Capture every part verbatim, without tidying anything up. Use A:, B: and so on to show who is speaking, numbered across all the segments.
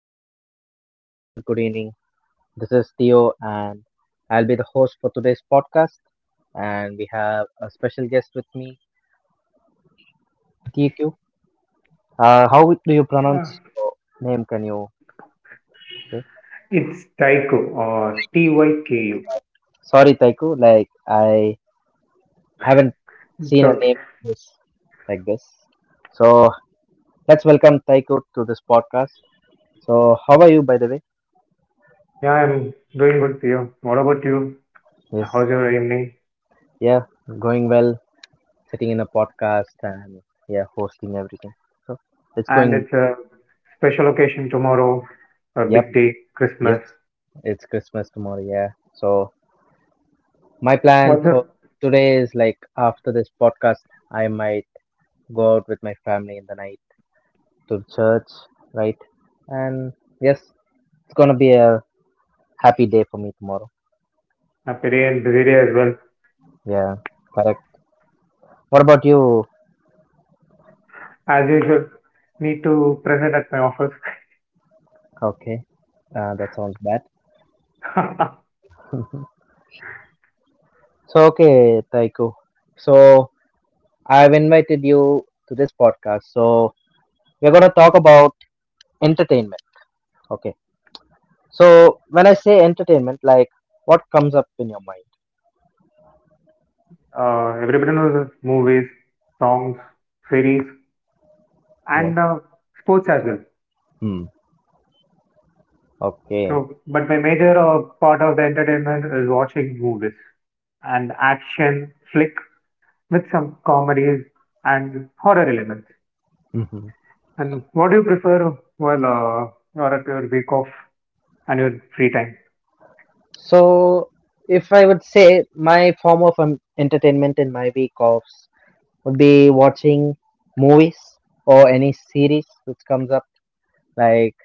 A: Good morning, good afternoon, good evening. This is Theo, and I'll be the host for today's podcast. And we have a special guest with me, T Q. Uh, how do you pronounce
B: Uh,
A: your name? Can you?
B: it's Taiko or T Y K U.
A: Sorry, Taiku. Like I haven't
B: It's
A: seen a
B: okay.
A: name like this like this. So let's welcome Taiku to this podcast. So how are you, by the way?
B: Yeah, I'm doing good, for you. What about you?
A: Yes.
B: How's your evening?
A: Yeah, going well. Sitting in a podcast and yeah, hosting everything. So it's
B: And
A: going.
B: it's a special occasion tomorrow, a
A: Yep,
B: big day, Christmas.
A: yes, it's Christmas tomorrow. Yeah. So my plan
B: What's
A: for
B: up?
A: today is like after this podcast, I might go out with my family in the night to the church, right? And yes, it's gonna be a happy day for me tomorrow.
B: A very busy day as well.
A: Yeah, correct. What about you?
B: As usual, need to present at my office.
A: Okay, uh, that sounds bad. So okay, Taiko. So I've invited you to this podcast. So we're going to talk about entertainment. Okay, so when I say entertainment, like what comes up in your mind?
B: Uh, everybody knows the movies, songs, series,
A: Yes.
B: and uh, sports as well.
A: Hmm. Okay.
B: So, but my major uh, part of the entertainment is watching movies and action flick with some comedies and horror elements.
A: Hmm.
B: And what do you prefer while uh, you're at your week off and your free time?
A: So if I would say my form of um, entertainment in my week offs would be watching movies or any series which comes up. Like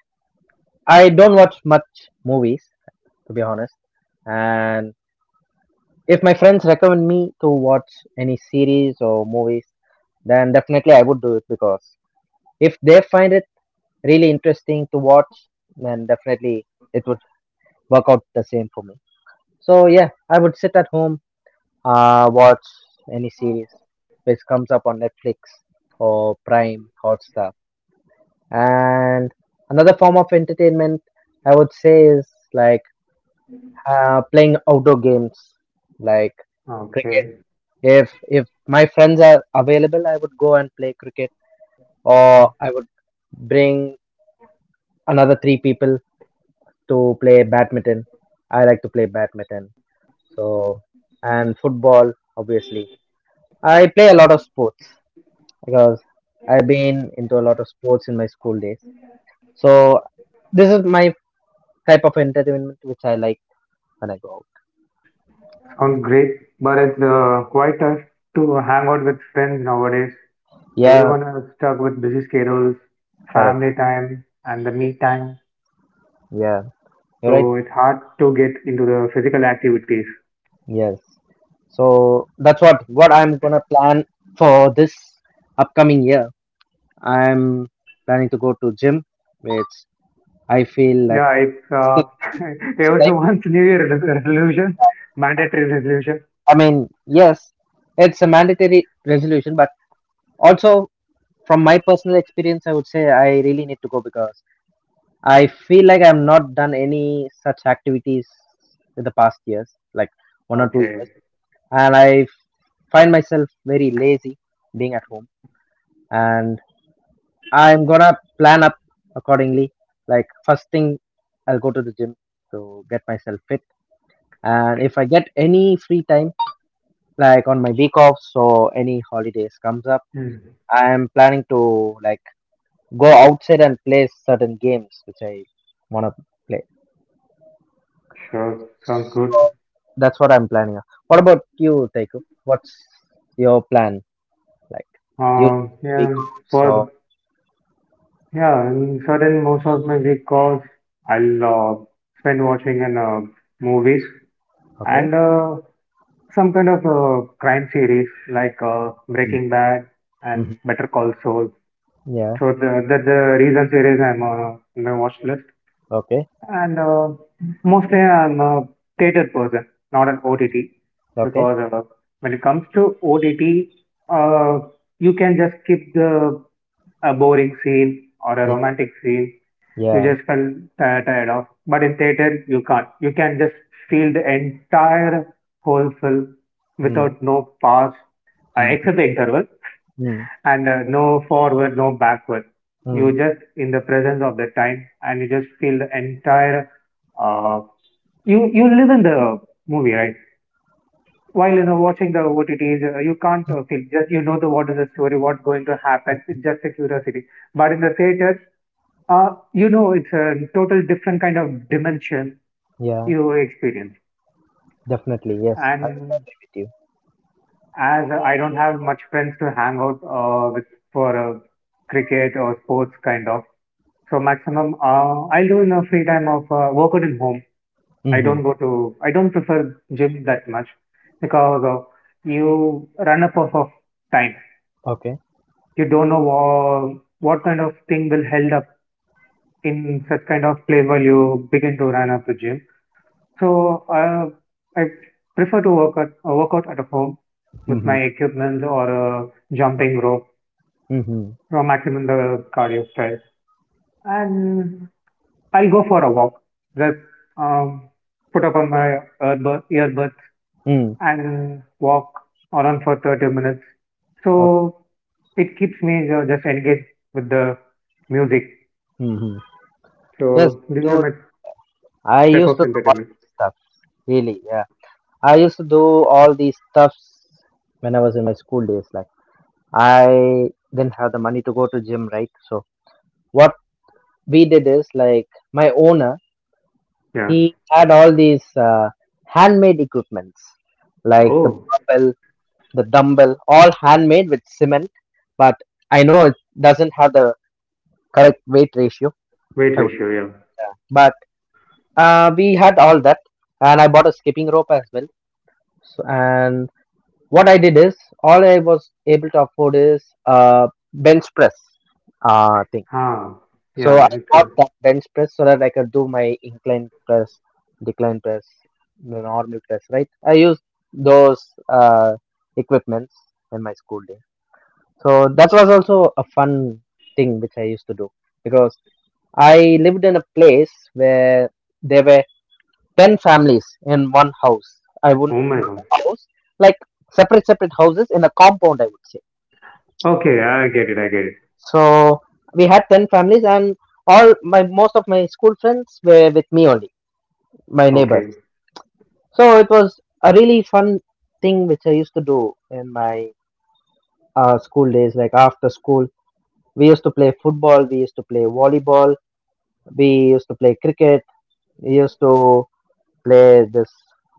A: I don't watch much movies, to be honest. And if my friends recommend me to watch any series or movies, then definitely I would do it because if they find it really interesting to watch, then definitely it would work out the same for me. So yeah, I would sit at home, uh, watch any series which comes up on Netflix or Prime Hotstar. And another form of entertainment I would say is like uh, playing outdoor games like cricket.
B: Okay,
A: If if my friends are available, I would go and play cricket, or I would bring another three people to play badminton. I like to play badminton. So, and football, obviously. I play a lot of sports because I've been into a lot of sports in my school days. So, this is my type of entertainment which I like when I go out.
B: sounds great. But it's uh, quite tough to hang out with friends nowadays.
A: Yeah,
B: Everyone is stuck with busy schedules,
A: correct.
B: family time, and the me time.
A: Yeah, you're right.
B: So it's hard to get into the physical activities.
A: Yes. So that's what what I'm gonna plan for this upcoming year. I'm planning to go to gym, which I feel that
B: Yeah, it's
A: it's
B: uh,
A: the right.
B: everyone's New Year resolution, mandatory resolution.
A: I mean, yes, it's a mandatory resolution, but also from my personal experience, I would say I really need to go because I feel like I've not done any such activities in the past years, like one or two years,
B: Okay.
A: and I find myself very lazy being at home. And I'm gonna plan up accordingly. Like first thing, I'll go to the gym to get myself fit, and if I get any free time, like on my week offs or any holidays comes up.
B: Hmm.
A: I am planning to like go outside and play certain games which I wanna play.
B: Sure, sounds good.
A: So that's what I'm planning on. What about you, Taiko? What's your plan? Like you
B: Uh,
A: speak
B: yeah,
A: off,
B: for
A: so
B: yeah, in certain most of my week calls, I'll uh, spend watching in uh, movies
A: okay.
B: and uh, some kind of uh, crime series like uh,
A: Mm.
B: Breaking Bad and
A: Hmm.
B: Better Call Saul.
A: Yeah.
B: So the, that's the recent series I'm uh, on my watch list.
A: Okay.
B: And uh, mostly I'm a theater person, not an O T T,
A: Okay.
B: because uh, when it comes to O T T, uh, you can just skip the a boring scene or a
A: Mm.
B: romantic scene you
A: Yeah.
B: just felt ti- tired of. But in theater, you can't. You can just feel the entire whole film
A: Mm.
B: without no pause, uh,
A: Mm.
B: except the interval,
A: Mm.
B: and uh, no forward, no backward. You
A: Mm.
B: just in the presence of the time, and you just feel the entire. Uh, you you live in the movie, right? While you know watching the O T Ts, uh, you can't uh, feel, just you know, the what is the story, what's going to happen. It's just a curiosity. But in the theater, Uh, you know, it's a total different kind of dimension
A: Yeah.
B: you experience.
A: Definitely. Yes. I
B: And
A: agree with you.
B: as I don't have much friends to hang out uh, with for a cricket or sports kind of, so maximum uh, I'll do in a free time of uh, work out in home. I
A: Mm-hmm.
B: don't go to, I don't prefer gym that much because of you run up of, of time.
A: Okay.
B: You don't know what, what kind of thing will held up in such kind of place while you begin to run up the gym. So I I prefer to work at uh, work out at a home with
A: Mm-hmm.
B: my equipment or a jumping rope
A: Mm-hmm.
B: for maximum the cardio stress. And I'll go for a walk. Just um, put up on my earbud, earbuds
A: Mm.
B: and walk around for thirty minutes.
A: Okay.
B: So it keeps me uh, just engaged with the music.
A: Mm-hmm. Yes.
B: So these are my
A: I
B: type
A: used
B: of
A: to do all
B: entertainment.
A: these stuff, really. Yeah, I used to do all these stuffs when I was in my school days. Like I didn't have the money to go to gym, right? So what we did is like my owner,
B: Yeah.
A: he had all these uh, handmade equipments, like the
B: Oh,
A: barbell, the dumbbell, all handmade with cement. But I know it doesn't have the correct weight ratio.
B: weight
A: I would,
B: ratio. Yeah.
A: but uh, we had all that, and I bought a skipping rope as well. So, and what I did is all I was able to afford is uh bench press uh thing.
B: Ah.
A: So
B: Yeah.
A: I
B: It's
A: bought
B: a.
A: that bench press so that I could do my incline press, decline press, the normal press, right? I used those uh equipments in my school day. So that was also a fun thing which I used to do because I lived in a place where there were ten families in one house. I would
B: Oh my
A: not
B: God.
A: a house, like separate separate houses in a compound. I would say.
B: Okay, I get it. I get it.
A: So we had ten families, and all my most of my school friends were with me only, my neighbors.
B: Okay.
A: So it was a really fun thing which I used to do in my uh, school days. Like after school, we used to play football, we used to play volleyball, we used to play cricket, we used to play this,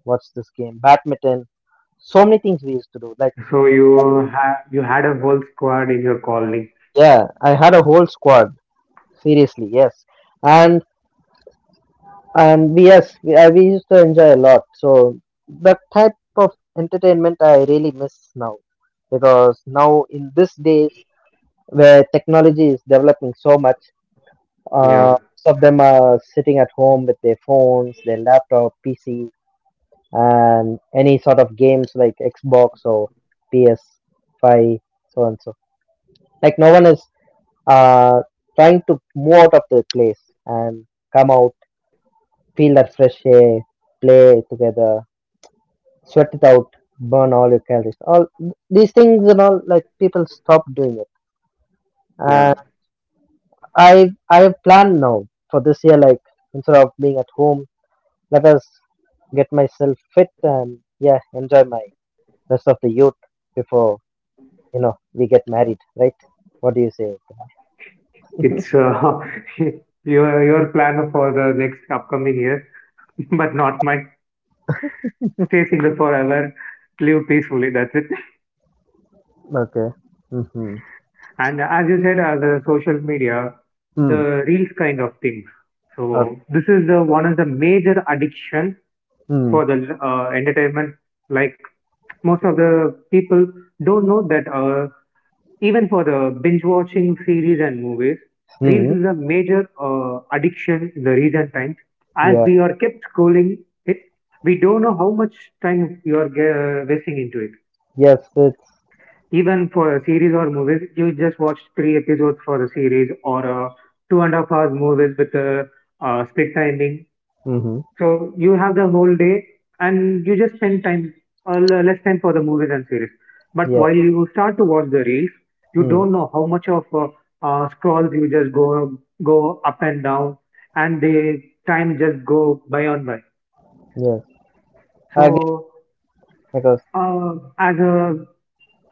A: what's this game, badminton. So many things we used to do like.
B: So you had you had a whole squad in your colony.
A: Yeah, I had a whole squad. Seriously, yes, and and we yes, we, I, we used to enjoy a lot. So that type of entertainment I really miss now, because now in these days where technology is developing so much,
B: Yeah,
A: uh, some of them are sitting at home with their phones, their laptop, P C, and any sort of games like Xbox or P S five, so and so. Like no one is uh, trying to move out of the place and come out, feel that fresh air, play together, sweat it out, burn all your calories. All these things and all, like people stop doing it.
B: yeah.
A: And I I have planned now for this year. Like instead of being at home, let us get myself fit and yeah, enjoy my rest of the youth before you know we get married, right? What do you say?
B: It's uh, your your plan for the next upcoming year, but not mine. Stay single forever, live peacefully. That's it.
A: Okay. Mm-hmm.
B: And as you said, uh, the social media,
A: Mm.
B: the reels kind of things. So
A: Okay.
B: this is the one of the major addiction
A: Mm.
B: for the uh, entertainment. Like most of the people don't know that uh, even for the binge watching series and movies, reels
A: Mm.
B: is a major uh, addiction in the recent times. As
A: Yeah.
B: we are kept scrolling it, we don't know how much time you are ge- wasting into it.
A: Yes, it's.
B: Even for a series or movies, you just watch three episodes for the series or uh, two and a half hours movies with a uh, split timing.
A: Mm-hmm.
B: So you have the whole day and you just spend time, uh, l- less time for the movies and series. But
A: Yeah.
B: while you start to watch the reels, you
A: Mm,
B: don't know how much of uh, uh, scrolls you just go go up and down, and the time just go by on by.
A: yes, I agree
B: So
A: because.
B: uh, as a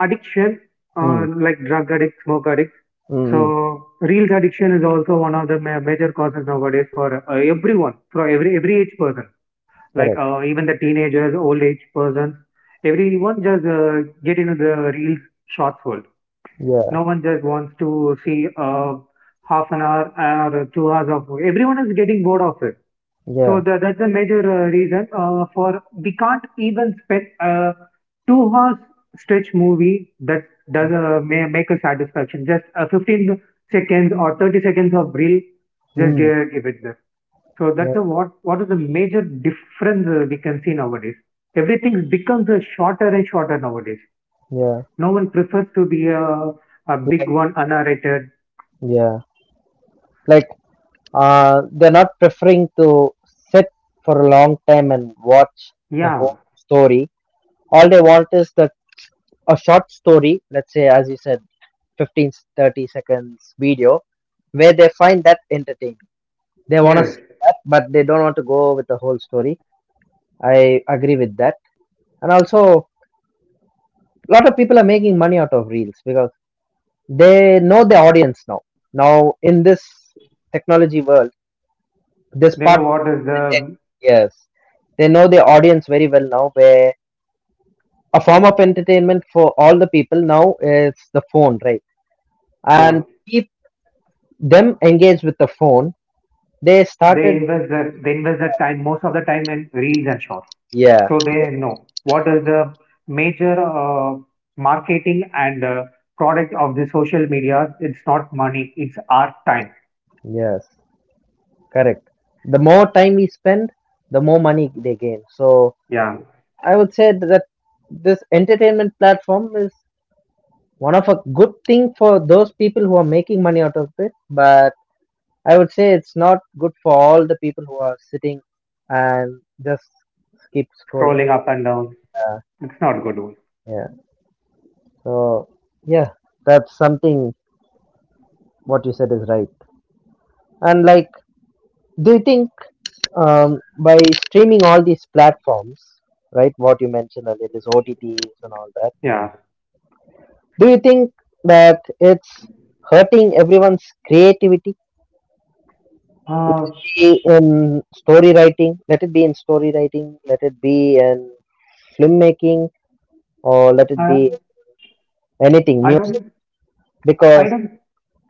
B: addiction, uh,
A: Mm,
B: like drug addict, smoke addict.
A: mm, mm,
B: So reels addiction is also one of the ma- major causes nowadays for uh, everyone, for every every age person. Like
A: correct.
B: uh, even the teenagers, old age persons, everyone just uh, get into the reels shorts world.
A: Yeah.
B: No one just wants to see uh, half an hour or two hours of. Everyone is getting bored of it.
A: Yeah.
B: So tha that's the major uh, reason uh, for we can't even spend a two hours stretch movie that does uh, may make a satisfaction. Just uh, fifteen seconds or thirty seconds of reel, just
A: Mm,
B: give, give it there. So that's
A: yeah.
B: a what what is the major difference uh, we can see nowadays. Everything becomes uh, shorter and shorter nowadays.
A: Yeah.
B: No one prefers to be a, a big
A: Like,
B: one, unnarrated.
A: yeah. Like uh they're not preferring to sit for a long time and watch the
B: Yeah,
A: whole story. All they want is that a short story, let's say as you said, fifteen thirty seconds video where they find that entertaining. They want to
B: yes.
A: see that, but they don't want to go with the whole story. I agree with that. And also a lot of people are making money out of reels because they know their audience now, now in this technology world, this
B: They know
A: part.
B: what is the
A: Yes, they know their audience very well now, where a form of entertainment for all the people now is the phone, right? And
B: phone.
A: keep them engaged with the phone, they
B: They
A: started.
B: invest their they invest their time most of the time in reels and shorts.
A: Yeah.
B: So they know what is the major uh, marketing and uh, product of the social media. It's not money. It's our time.
A: Yes, correct. The more time we spend, the more money they gain. So
B: Yeah,
A: I would say that this entertainment platform is one of a good thing for those people who are making money out of it, but I would say it's not good for all the people who are sitting and just keep scrolling.
B: scrolling up and down. It's not good one.
A: Yeah. So yeah. That's something what you said is right. And like, do you think um, by streaming all these platforms, right, what you mentioned earlier, this OTTs and all that,
B: Yeah.
A: do you think that it's hurting everyone's creativity?
B: Uh,
A: Be in story writing, Let it be in story writing, let it be in film making, or let it
B: I,
A: be anything,
B: I
A: music.
B: don't, I
A: Because,
B: don't,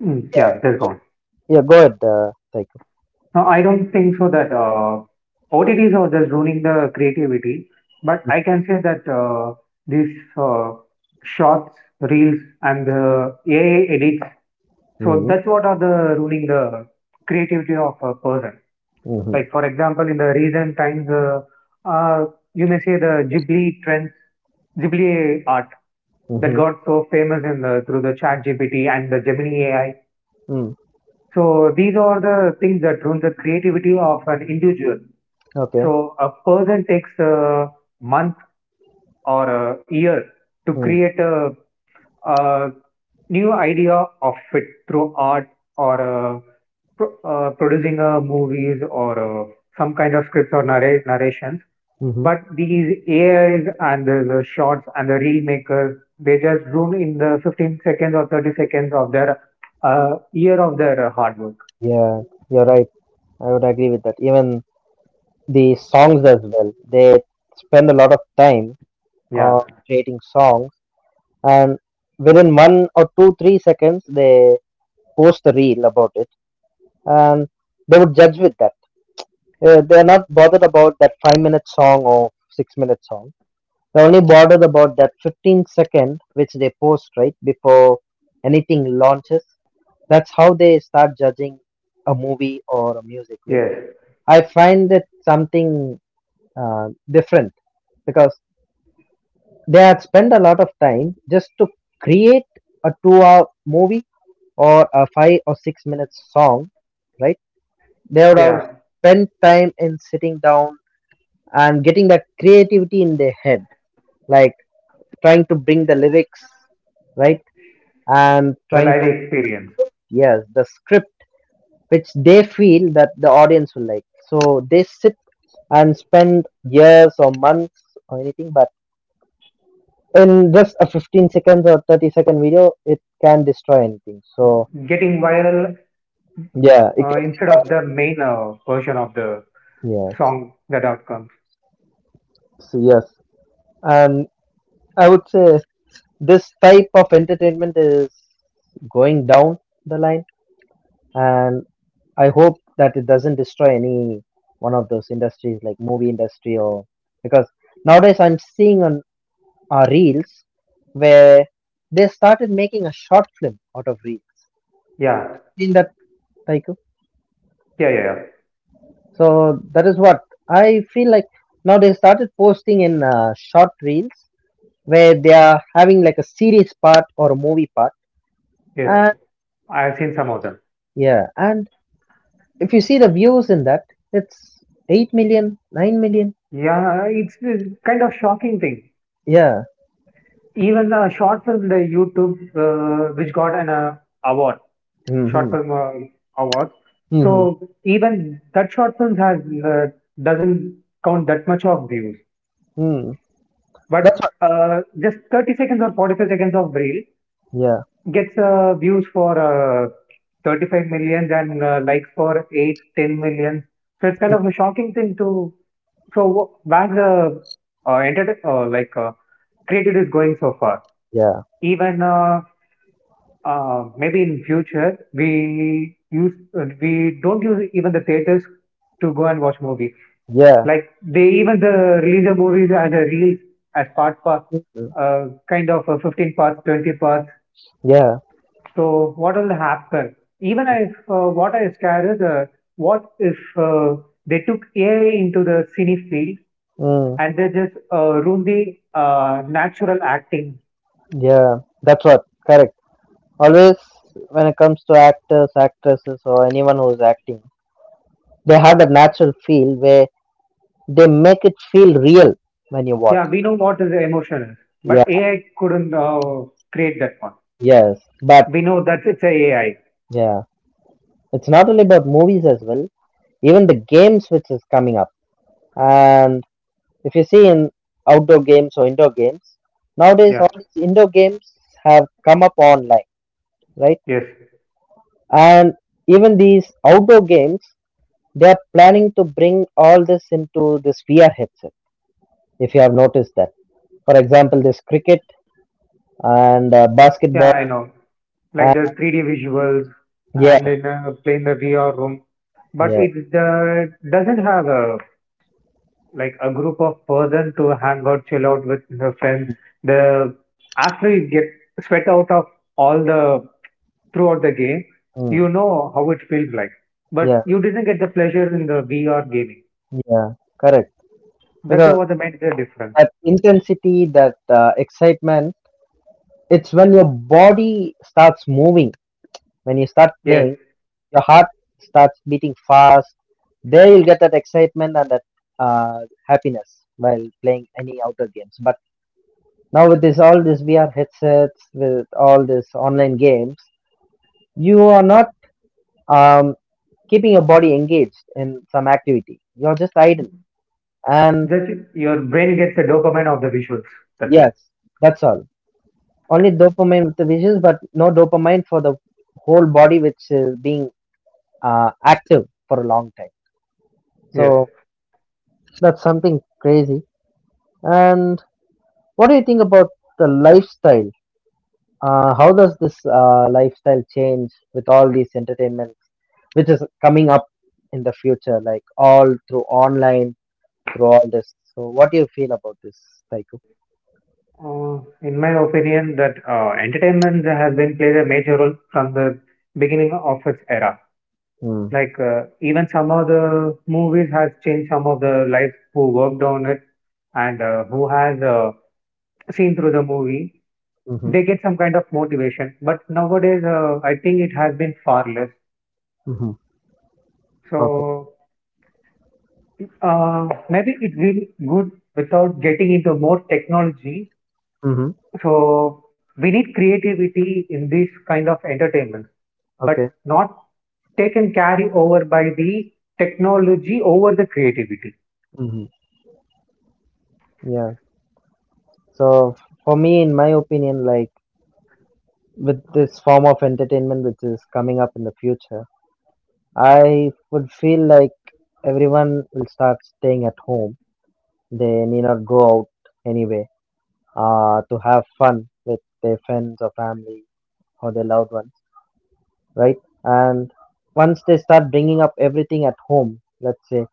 B: mm, yeah, just gone.
A: yeah, go ahead, uh, Psycho.
B: No, I don't think so that uh, O T Ts are just ruining the creativity, but I can say that uh, these uh, shorts, reels, and the A I edits, so
A: Mm-hmm.
B: that's what are the ruining the creativity of a person.
A: Mm-hmm.
B: Like, for example, in the recent times, uh, uh, you may say the Ghibli trends, Ghibli art that
A: Mm-hmm.
B: got so famous in the, through the chat G P T and the Gemini A I.
A: Mm.
B: So these are the things that ruin the creativity of an individual.
A: Okay.
B: So a person takes a month or a year to
A: Mm.
B: create a, a new idea of it through art or uh pro- uh, producing a movies or uh some kind of scripts or narra- narrations.
A: Mm-hmm.
B: But these A Is and the, the shots and the reel makers, they just ruin in the fifteen seconds or thirty seconds of their uh, year of their uh, hard work.
A: Yeah, you're right. I would agree with that. Even the songs as well, they spend a lot of time uh,
B: Yeah.
A: creating songs, and within one or two, three seconds, they post a reel about it, and they would judge with that. Uh, they're not bothered about that five minute song or six minute song. They're only bothered about that fifteen second which they post right before anything launches. That's how they start judging a movie or a music with.
B: Yes.
A: I find it something uh, different because they had spent a lot of time just to create a two hour movie or a five or six minute song, right? They would have
B: Yeah,
A: spent time in sitting down and getting that creativity in their head, like trying to bring the lyrics, right?
B: the live
A: And
B: experience.
A: trying to, yes, the script, which they feel that the audience will like. So they sit and spend years or months or anything, but in just a fifteen seconds or thirty second video, it can destroy anything. So,
B: Getting viral uh,
A: yeah, it
B: instead
A: can,
B: of the main uh, version of the
A: yeah,
B: song that outcomes.
A: so yes. And I would say this type of entertainment is going down the line, and I hope that it doesn't destroy any one of those industries like movie industry or, because nowadays I'm seeing on uh, reels where they started making a short film out of reels.
B: Yeah,
A: Seen that, Taiku?
B: yeah, yeah, yeah.
A: So that is what I feel like, now they started posting in uh, short reels where they are having like a series part or a movie part.
B: Yes,
A: And
B: I've seen some of them.
A: yeah, and if you see the views in that, it's eight million, nine million.
B: Yeah, it's a kind of shocking thing.
A: nine million, yeah.
B: Even a short film, the YouTube, uh, which got an uh, award, short
A: Hmm.
B: film uh, award.
A: Mhm,
B: So even that short film has uh, doesn't count that much of views,
A: mm,
B: but
A: that's what,
B: uh, just thirty seconds or forty-five seconds of reel
A: yeah,
B: gets uh, views for uh, thirty-five millions and uh, likes for eight ten millions. So it's kind
A: mm,
B: of a shocking thing to so wh- where the uh, enter- uh, like uh, created is going so far.
A: yeah,
B: Even uh, uh, maybe in future we use uh, we don't use even the theaters to go and watch movies.
A: yeah,
B: Like they even the release the movies as a release as part part
A: mhm,
B: uh, kind of uh, fifteen parts twenty parts.
A: yeah,
B: So what will happen? Even if uh, what I scare is, uh, what if uh, they took A I into the cine field
A: mm,
B: and they just uh, ruin the uh, natural acting?
A: yeah, that's what, correct. Always when it comes to actors, actresses, or anyone who's acting, they have that natural feel where they make it feel real when you watch.
B: Yeah, we know what is emotion is, but
A: Yeah,
B: A I couldn't uh, create that one.
A: yes, but
B: We know that it's a AI.
A: yeah, it's not only about movies as well, even the games which is coming up. And if you see in outdoor games or indoor games, nowadays
B: Yeah.
A: all these indoor games have come up online, right?
B: Yes.
A: And even these outdoor games, they are planning to bring all this into this V R headset. If you have noticed that, for example, this cricket and uh,
B: Yeah,
A: basketball.
B: I know. Like
A: And
B: the three D visuals
A: yeah,
B: and in uh, playing the V R room, but
A: yeah,
B: it uh, doesn't have a like a group of person to hang out, chill out with the friends. The after you get sweat out of all the throughout the game,
A: mm,
B: you know how it feels like. But
A: yeah,
B: you didn't get the pleasure in the V R gaming.
A: yeah, correct.
B: That's the
A: Because
B: what the major difference.
A: that intensity, that uh, excitement, it's when your body starts moving. When you start
B: Yes,
A: playing, your heart starts beating fast. There you'll get that excitement and that uh, happiness while playing any outdoor games. But now with this all this V R headsets, with all these online games, you are not um, keeping your body engaged in some activity. You're just idle, and
B: just your brain gets the dopamine of the visuals. That's it.
A: yes, that's all. Only dopamine with the visuals, but no dopamine for the whole body, which is being uh, active for a long time.
B: Yes.
A: So that's something crazy. And what do you think about the lifestyle? Uh, how does this uh, lifestyle change with all these entertainments, which is coming up in the future, like all through online, through all this? So, what do you feel about this, Psycho?
B: Uh, in my opinion, that uh, entertainment has been played a major role from the beginning of its era.
A: Mm.
B: Like uh, even some of the movies has changed some of the life who worked on it and uh, who has uh, seen through the movie.
A: Mm-hmm.
B: They get some kind of motivation. But nowadays, uh, I think it has been far less.
A: Mm-hmm. Okay.
B: So uh, maybe it will good without getting into more technology.
A: Mm-hmm.
B: So we need creativity in this kind of entertainment, but
A: Okay.
B: not taken carry over by the technology over the creativity.
A: Mm-hmm. Yeah. So, for me, in my opinion, like with this form of entertainment which is coming up in the future, I would feel like everyone will start staying at home. They need not go out anyway uh, to have fun with their friends or family or their loved ones, right? And once they start bringing up everything at home, let's say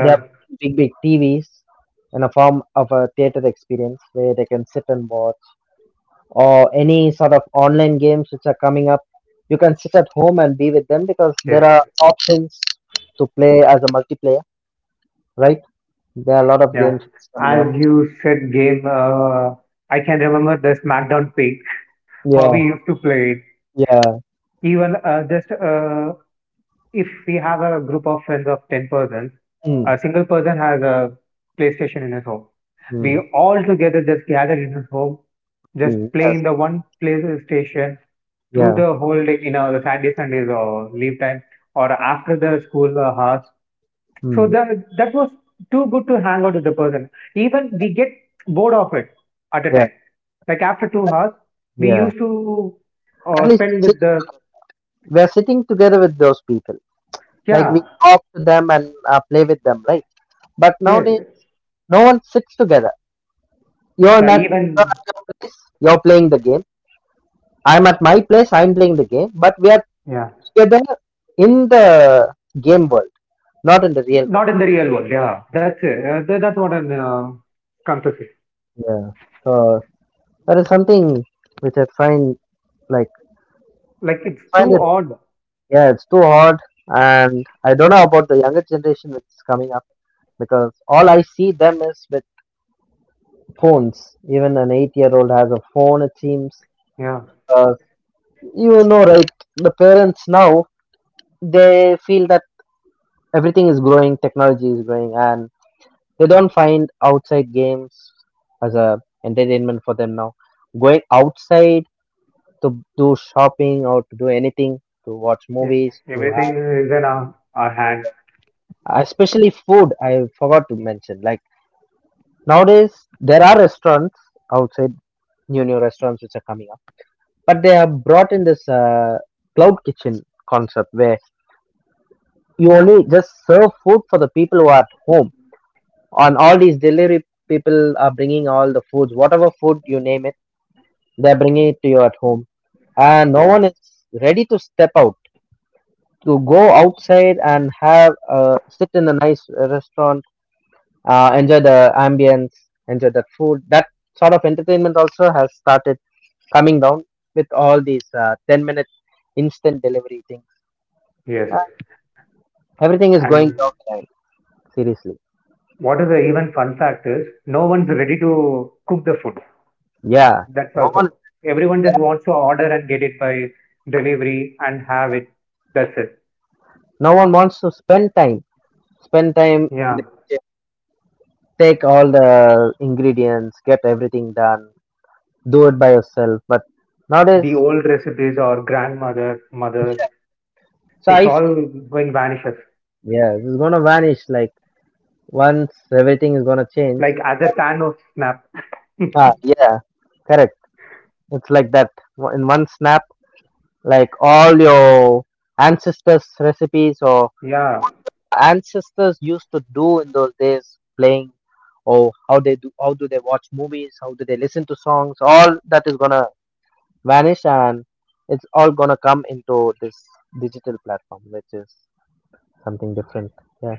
A: they have big, big T Vs in a form of a theater experience where they can sit and watch, or any sort of online games which are coming up, you can sit at home and be with them because there are
B: Yes.
A: options to play as a multiplayer, right? There are a lot of
B: Yeah.
A: games coming
B: As
A: up.
B: you said, game, uh, I can remember the SmackDown pick, how
A: Yeah,
B: we used to play it.
A: yeah.
B: Even uh, just uh, if we have a group of friends of ten persons, a
A: Mm,
B: single person has a PlayStation in his home. We
A: mm,
B: all together just gather in his home, just
A: mm,
B: play
A: yes,
B: in the one PlayStation through
A: yeah,
B: the whole day, you know, the Saturday, Sundays or leave time or after the school uh, hours so
A: mm,
B: that that was too good to hang out with the person even we get bored of it at a
A: yeah.
B: time like after two hours we
A: Yeah,
B: used to
A: at
B: uh,
A: least
B: spend
A: sit,
B: with the
A: we're sitting together with those people. Like
B: yeah,
A: we talk to them and uh, play with them, right? But
B: yes,
A: nowadays, no one sits together. You're
B: yeah,
A: not You're
B: even
A: at your place. You're playing the game. I'm at my place. I'm playing the game. But we are
B: yeah,
A: together in the game world, not in the real
B: not
A: world.
B: in the real world, yeah, that's it, uh, tha- that's what i'm uh, come to say
A: Yeah. So that is something which I find like
B: like it's
A: find
B: too
A: it.
B: odd.
A: Yeah, it's too hard, and I don't know about the younger generation which is coming up because all I see them is with phones. Even an eight-year-old has a phone. It seems,
B: Yeah.
A: uh, you know, right? The parents now they feel that everything is growing, technology is growing, and they don't find outside games as a entertainment for them now. Going outside to do shopping or to do anything, to watch
B: Yeah,
A: movies, to
B: everything
A: have
B: is in our, our hand.
A: especially food. I forgot to mention. Like nowadays, there are restaurants outside, new new restaurants which are coming, but they have brought in this uh, cloud kitchen concept where you only just serve food for the people who are at home. On all these delivery people are bringing all the foods, whatever food you name it, they're bringing it to you at home, and no
B: Yeah,
A: one is ready to step out to go outside and have uh, sit in a nice restaurant, uh, enjoy the ambience, enjoy the food. That sort of entertainment also has started coming down with all these uh, ten minute instant delivery things.
B: yes.
A: Everything is going
B: And
A: downhill. Seriously.
B: what is the even fun fact is no one's ready to cook the food.
A: Yeah.
B: That's
A: No one
B: also. Everyone just wants to order and get it by delivery and have it. That's it.
A: no one wants to spend time. Spend time in
B: Yeah.
A: the kitchen. Take all the ingredients, get everything done, do it by yourself. But
B: The
A: nowadays,
B: old recipes or grandmother, mother,
A: so
B: it's
A: I f-
B: all going vanishes.
A: yeah, it's gonna vanish. Like once everything is gonna change.
B: Like as a can of snap.
A: Ah yeah, correct. It's like that. In one snap, like all your ancestors' recipes, or
B: Yeah.
A: ancestors used to do in those days playing, or how they do, how do they watch movies, how do they listen to songs, all that is gonna vanish, and it's all gonna come into this digital platform which is something different. Yeah.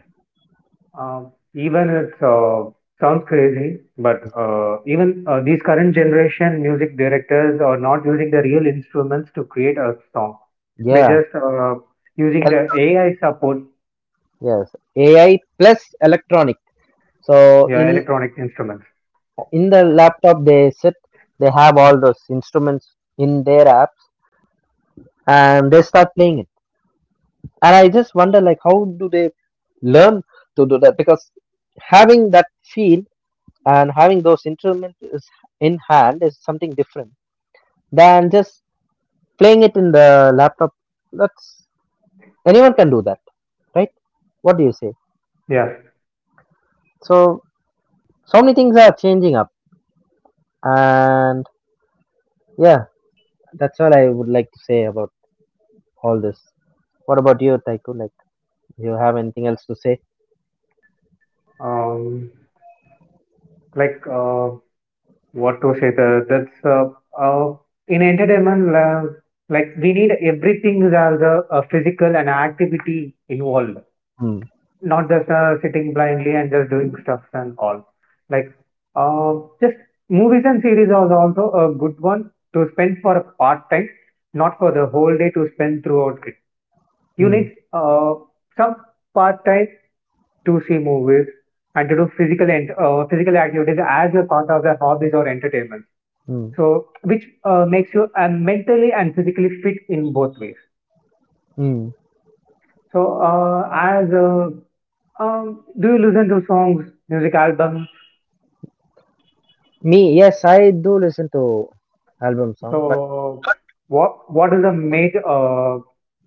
B: Um, even it uh, sounds crazy, but uh, even uh, these current generation music directors are not using the real instruments to create a song. They
A: Yeah.
B: just uh, using
A: el-
B: the A I support,
A: yes, AI plus electronic. So in
B: yeah, electronic instruments.
A: in the laptop they sit, they have all those instruments in their apps, and they start playing it, and I just wonder like how do they learn to do that, because having that feel and having those instruments is in hand is something different than just playing it in the laptop. That's anyone can do that, right? What do you say?
B: Yeah.
A: So so many things are changing up, and yeah, that's all I would like to say about all this. What about you, Taiko? Like, do you have anything else to say?
B: Um, like uh, what to say that that's uh, uh, in entertainment uh, like we need everything is uh, the uh, physical and activity involved,
A: Mm,
B: not just uh, sitting blindly and just doing stuff and all. like uh, just movies and series are also a good one to spend for a part time, not for the whole day to spend throughout it. You
A: mm,
B: need uh, some part time to see movies and to do physical and uh, physical activities as a part of their hobbies or entertainment.
A: mm,
B: So, which uh, makes you uh, mentally and physically fit in both ways.
A: mm.
B: So, uh, as uh, um, do you listen to songs, music albums?
A: Me, yes, I do listen to album songs, but
B: So, what what is the major uh,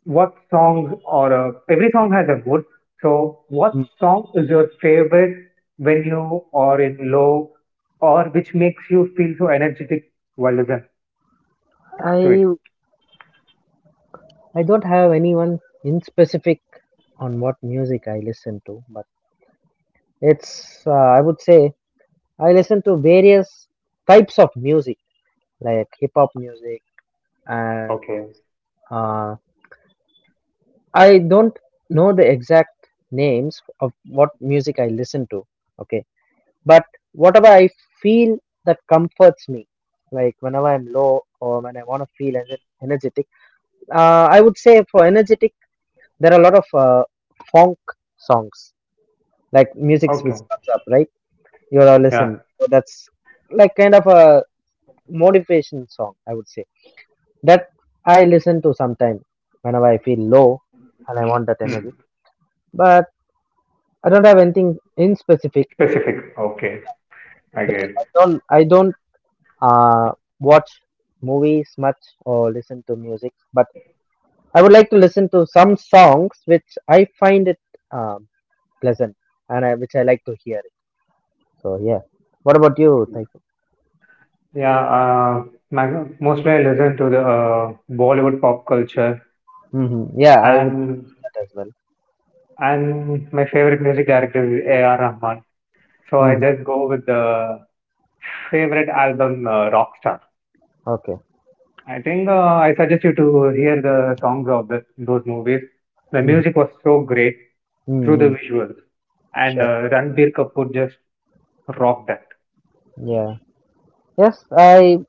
B: what songs or uh, every song has a good. So what
A: Mm.
B: song is your favorite when you are in low or which makes you feel so energetic while listening to it?
A: I I don't have anyone in specific on what music I listen to, but it's uh, I would say I listen to various types of music like hip hop music and uh, I don't know the exact names of what music I listen to. Okay, but whatever I feel that comforts me, like whenever I'm low or when I want to feel ener- energetic. Uh, I would say for energetic, there are a lot of uh, funk songs, like music which
B: Okay.
A: comes up, right? You all
B: Yeah.
A: listen. So that's like kind of a motivation song, I would say. That I listen to sometimes whenever I feel low and I want that
B: Hmm.
A: energy. But I don't have anything in specific
B: Specific. Okay. I get
A: because
B: it.
A: I don't I don't uh, watch movies much or listen to music. But I would like to listen to some songs which I find it um pleasant, and I, which I like to hear. So yeah. What about you, Taiko?
B: Yeah. Uh, my- mostly I listen to the uh, Bollywood pop culture
A: Hmm. Yeah, I would
B: and
A: do that as well.
B: and my favorite music director is A R. Rahman. So I
A: Hmm.
B: just go with the favorite album, uh, Rockstar.
A: Okay.
B: I think uh, I suggest you to hear the songs of the, those movies. The
A: Hmm.
B: music was so great through the
A: Hmm.
B: visuals, and
A: Sure.
B: uh, Ranbir Kapoor just rocked that.
A: Yeah. Yes, I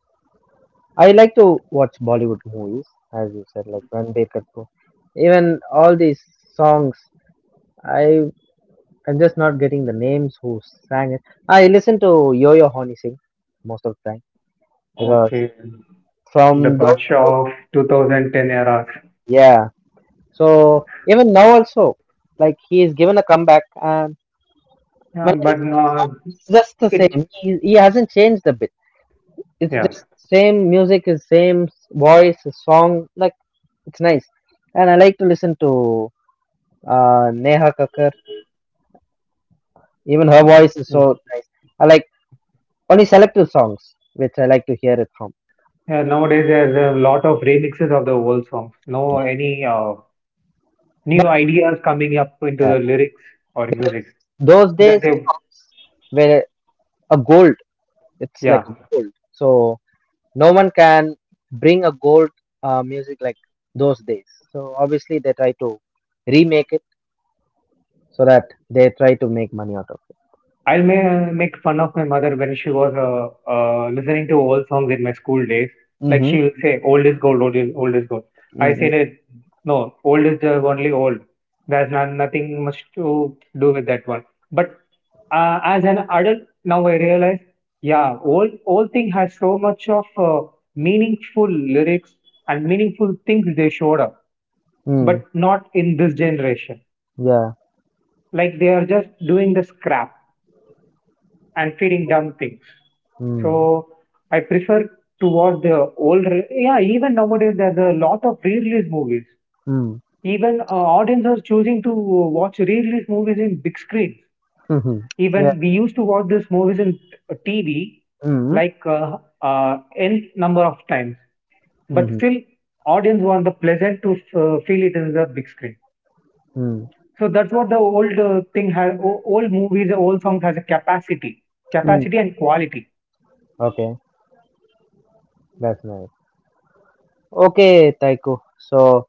A: I like to watch Bollywood movies, as you said, like Ranbir Kapoor. Even all these songs, I I'm just not getting the names who sang it. I listen to Yo-Yo Honey sing most of the time because
B: Okay, the
A: from those
B: Badshaw of two thousand ten era,
A: yeah. So even now also, like he is given a comeback. And
B: uh,
A: when
B: but
A: song,
B: not
A: it's just the
B: it.
A: same. He, he hasn't changed a bit. It's
B: Yeah.
A: just same music, is same voice, his song. Like it's nice, and I like to listen to uh, Neha Kakkar. Even her voice is
B: Yeah,
A: so nice. I like only selective songs which I like to hear it from.
B: nowadays there's a lot of remixes of the old songs. No,
A: Yeah.
B: any uh,
A: But
B: new ideas coming up into
A: yeah,
B: the lyrics or
A: because
B: music.
A: those days
B: That they,
A: songs were a gold. It's like
B: yeah,
A: a gold. So no one can bring a gold uh, music like those days. So obviously they try to remake it, so that they try to make money out of
B: I'll ma- make fun of my mother when she was uh, uh, listening to old songs in my school days.
A: it.
B: Like
A: Mm-hmm.
B: she will say, "Old is gold, old is old is gold." I
A: Mm-hmm.
B: said, it, "No, old is just only old. There's not, nothing much to do with that one." But uh, as an adult, now I realize, yeah, old old thing has so much of uh, meaningful lyrics and meaningful things they showed up, but
A: Mm.
B: not in this generation.
A: Yeah.
B: Like they are just doing the scrap and feeling dumb things.
A: Mm.
B: So I prefer to watch the old. re- Yeah, even nowadays there's a lot of re-release movies.
A: Mm.
B: Even uh, audience are choosing to watch re-release movies in big screens.
A: Mm-hmm. Yeah.
B: Even we used to watch these movies in T V
A: Mm.
B: like uh, uh, n number of times, but
A: Mm-hmm.
B: still audience want the pleasant to uh, feel it in the big screen.
A: Mm.
B: So that's what the old uh, thing has. Old movies, old songs has a capacity,
A: Mm.
B: capacity and quality.
A: Okay. That's nice. Okay, Taiko. So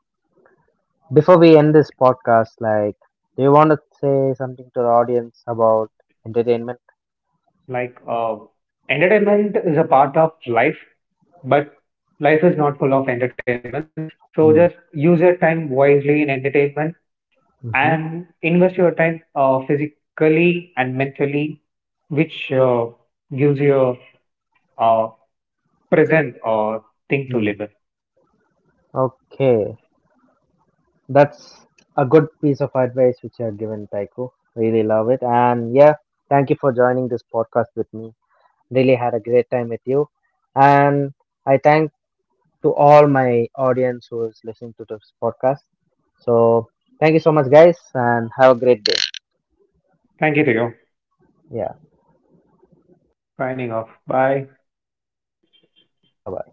A: before we end this podcast, like, do you want to say something to the audience about entertainment?
B: Like, uh, entertainment is a part of life, but life is not full of entertainments. So just
A: Mm.
B: use your time wisely in entertainment and
A: Mm-hmm.
B: invest your time uh, physically and mentally, which uh, gives you a uh, present or thing to
A: Mm.
B: live in.
A: Okay. That's a good piece of advice which you have given, Taiko. Really love it. And yeah, thank you for joining this podcast with me. Really had a great time with you. And I thank to all my audience who is listening to this podcast. So thank you so much, guys, and have a great day.
B: Thank you to you.
A: Yeah.
B: Signing off. Bye.
A: Yep. Bye bye.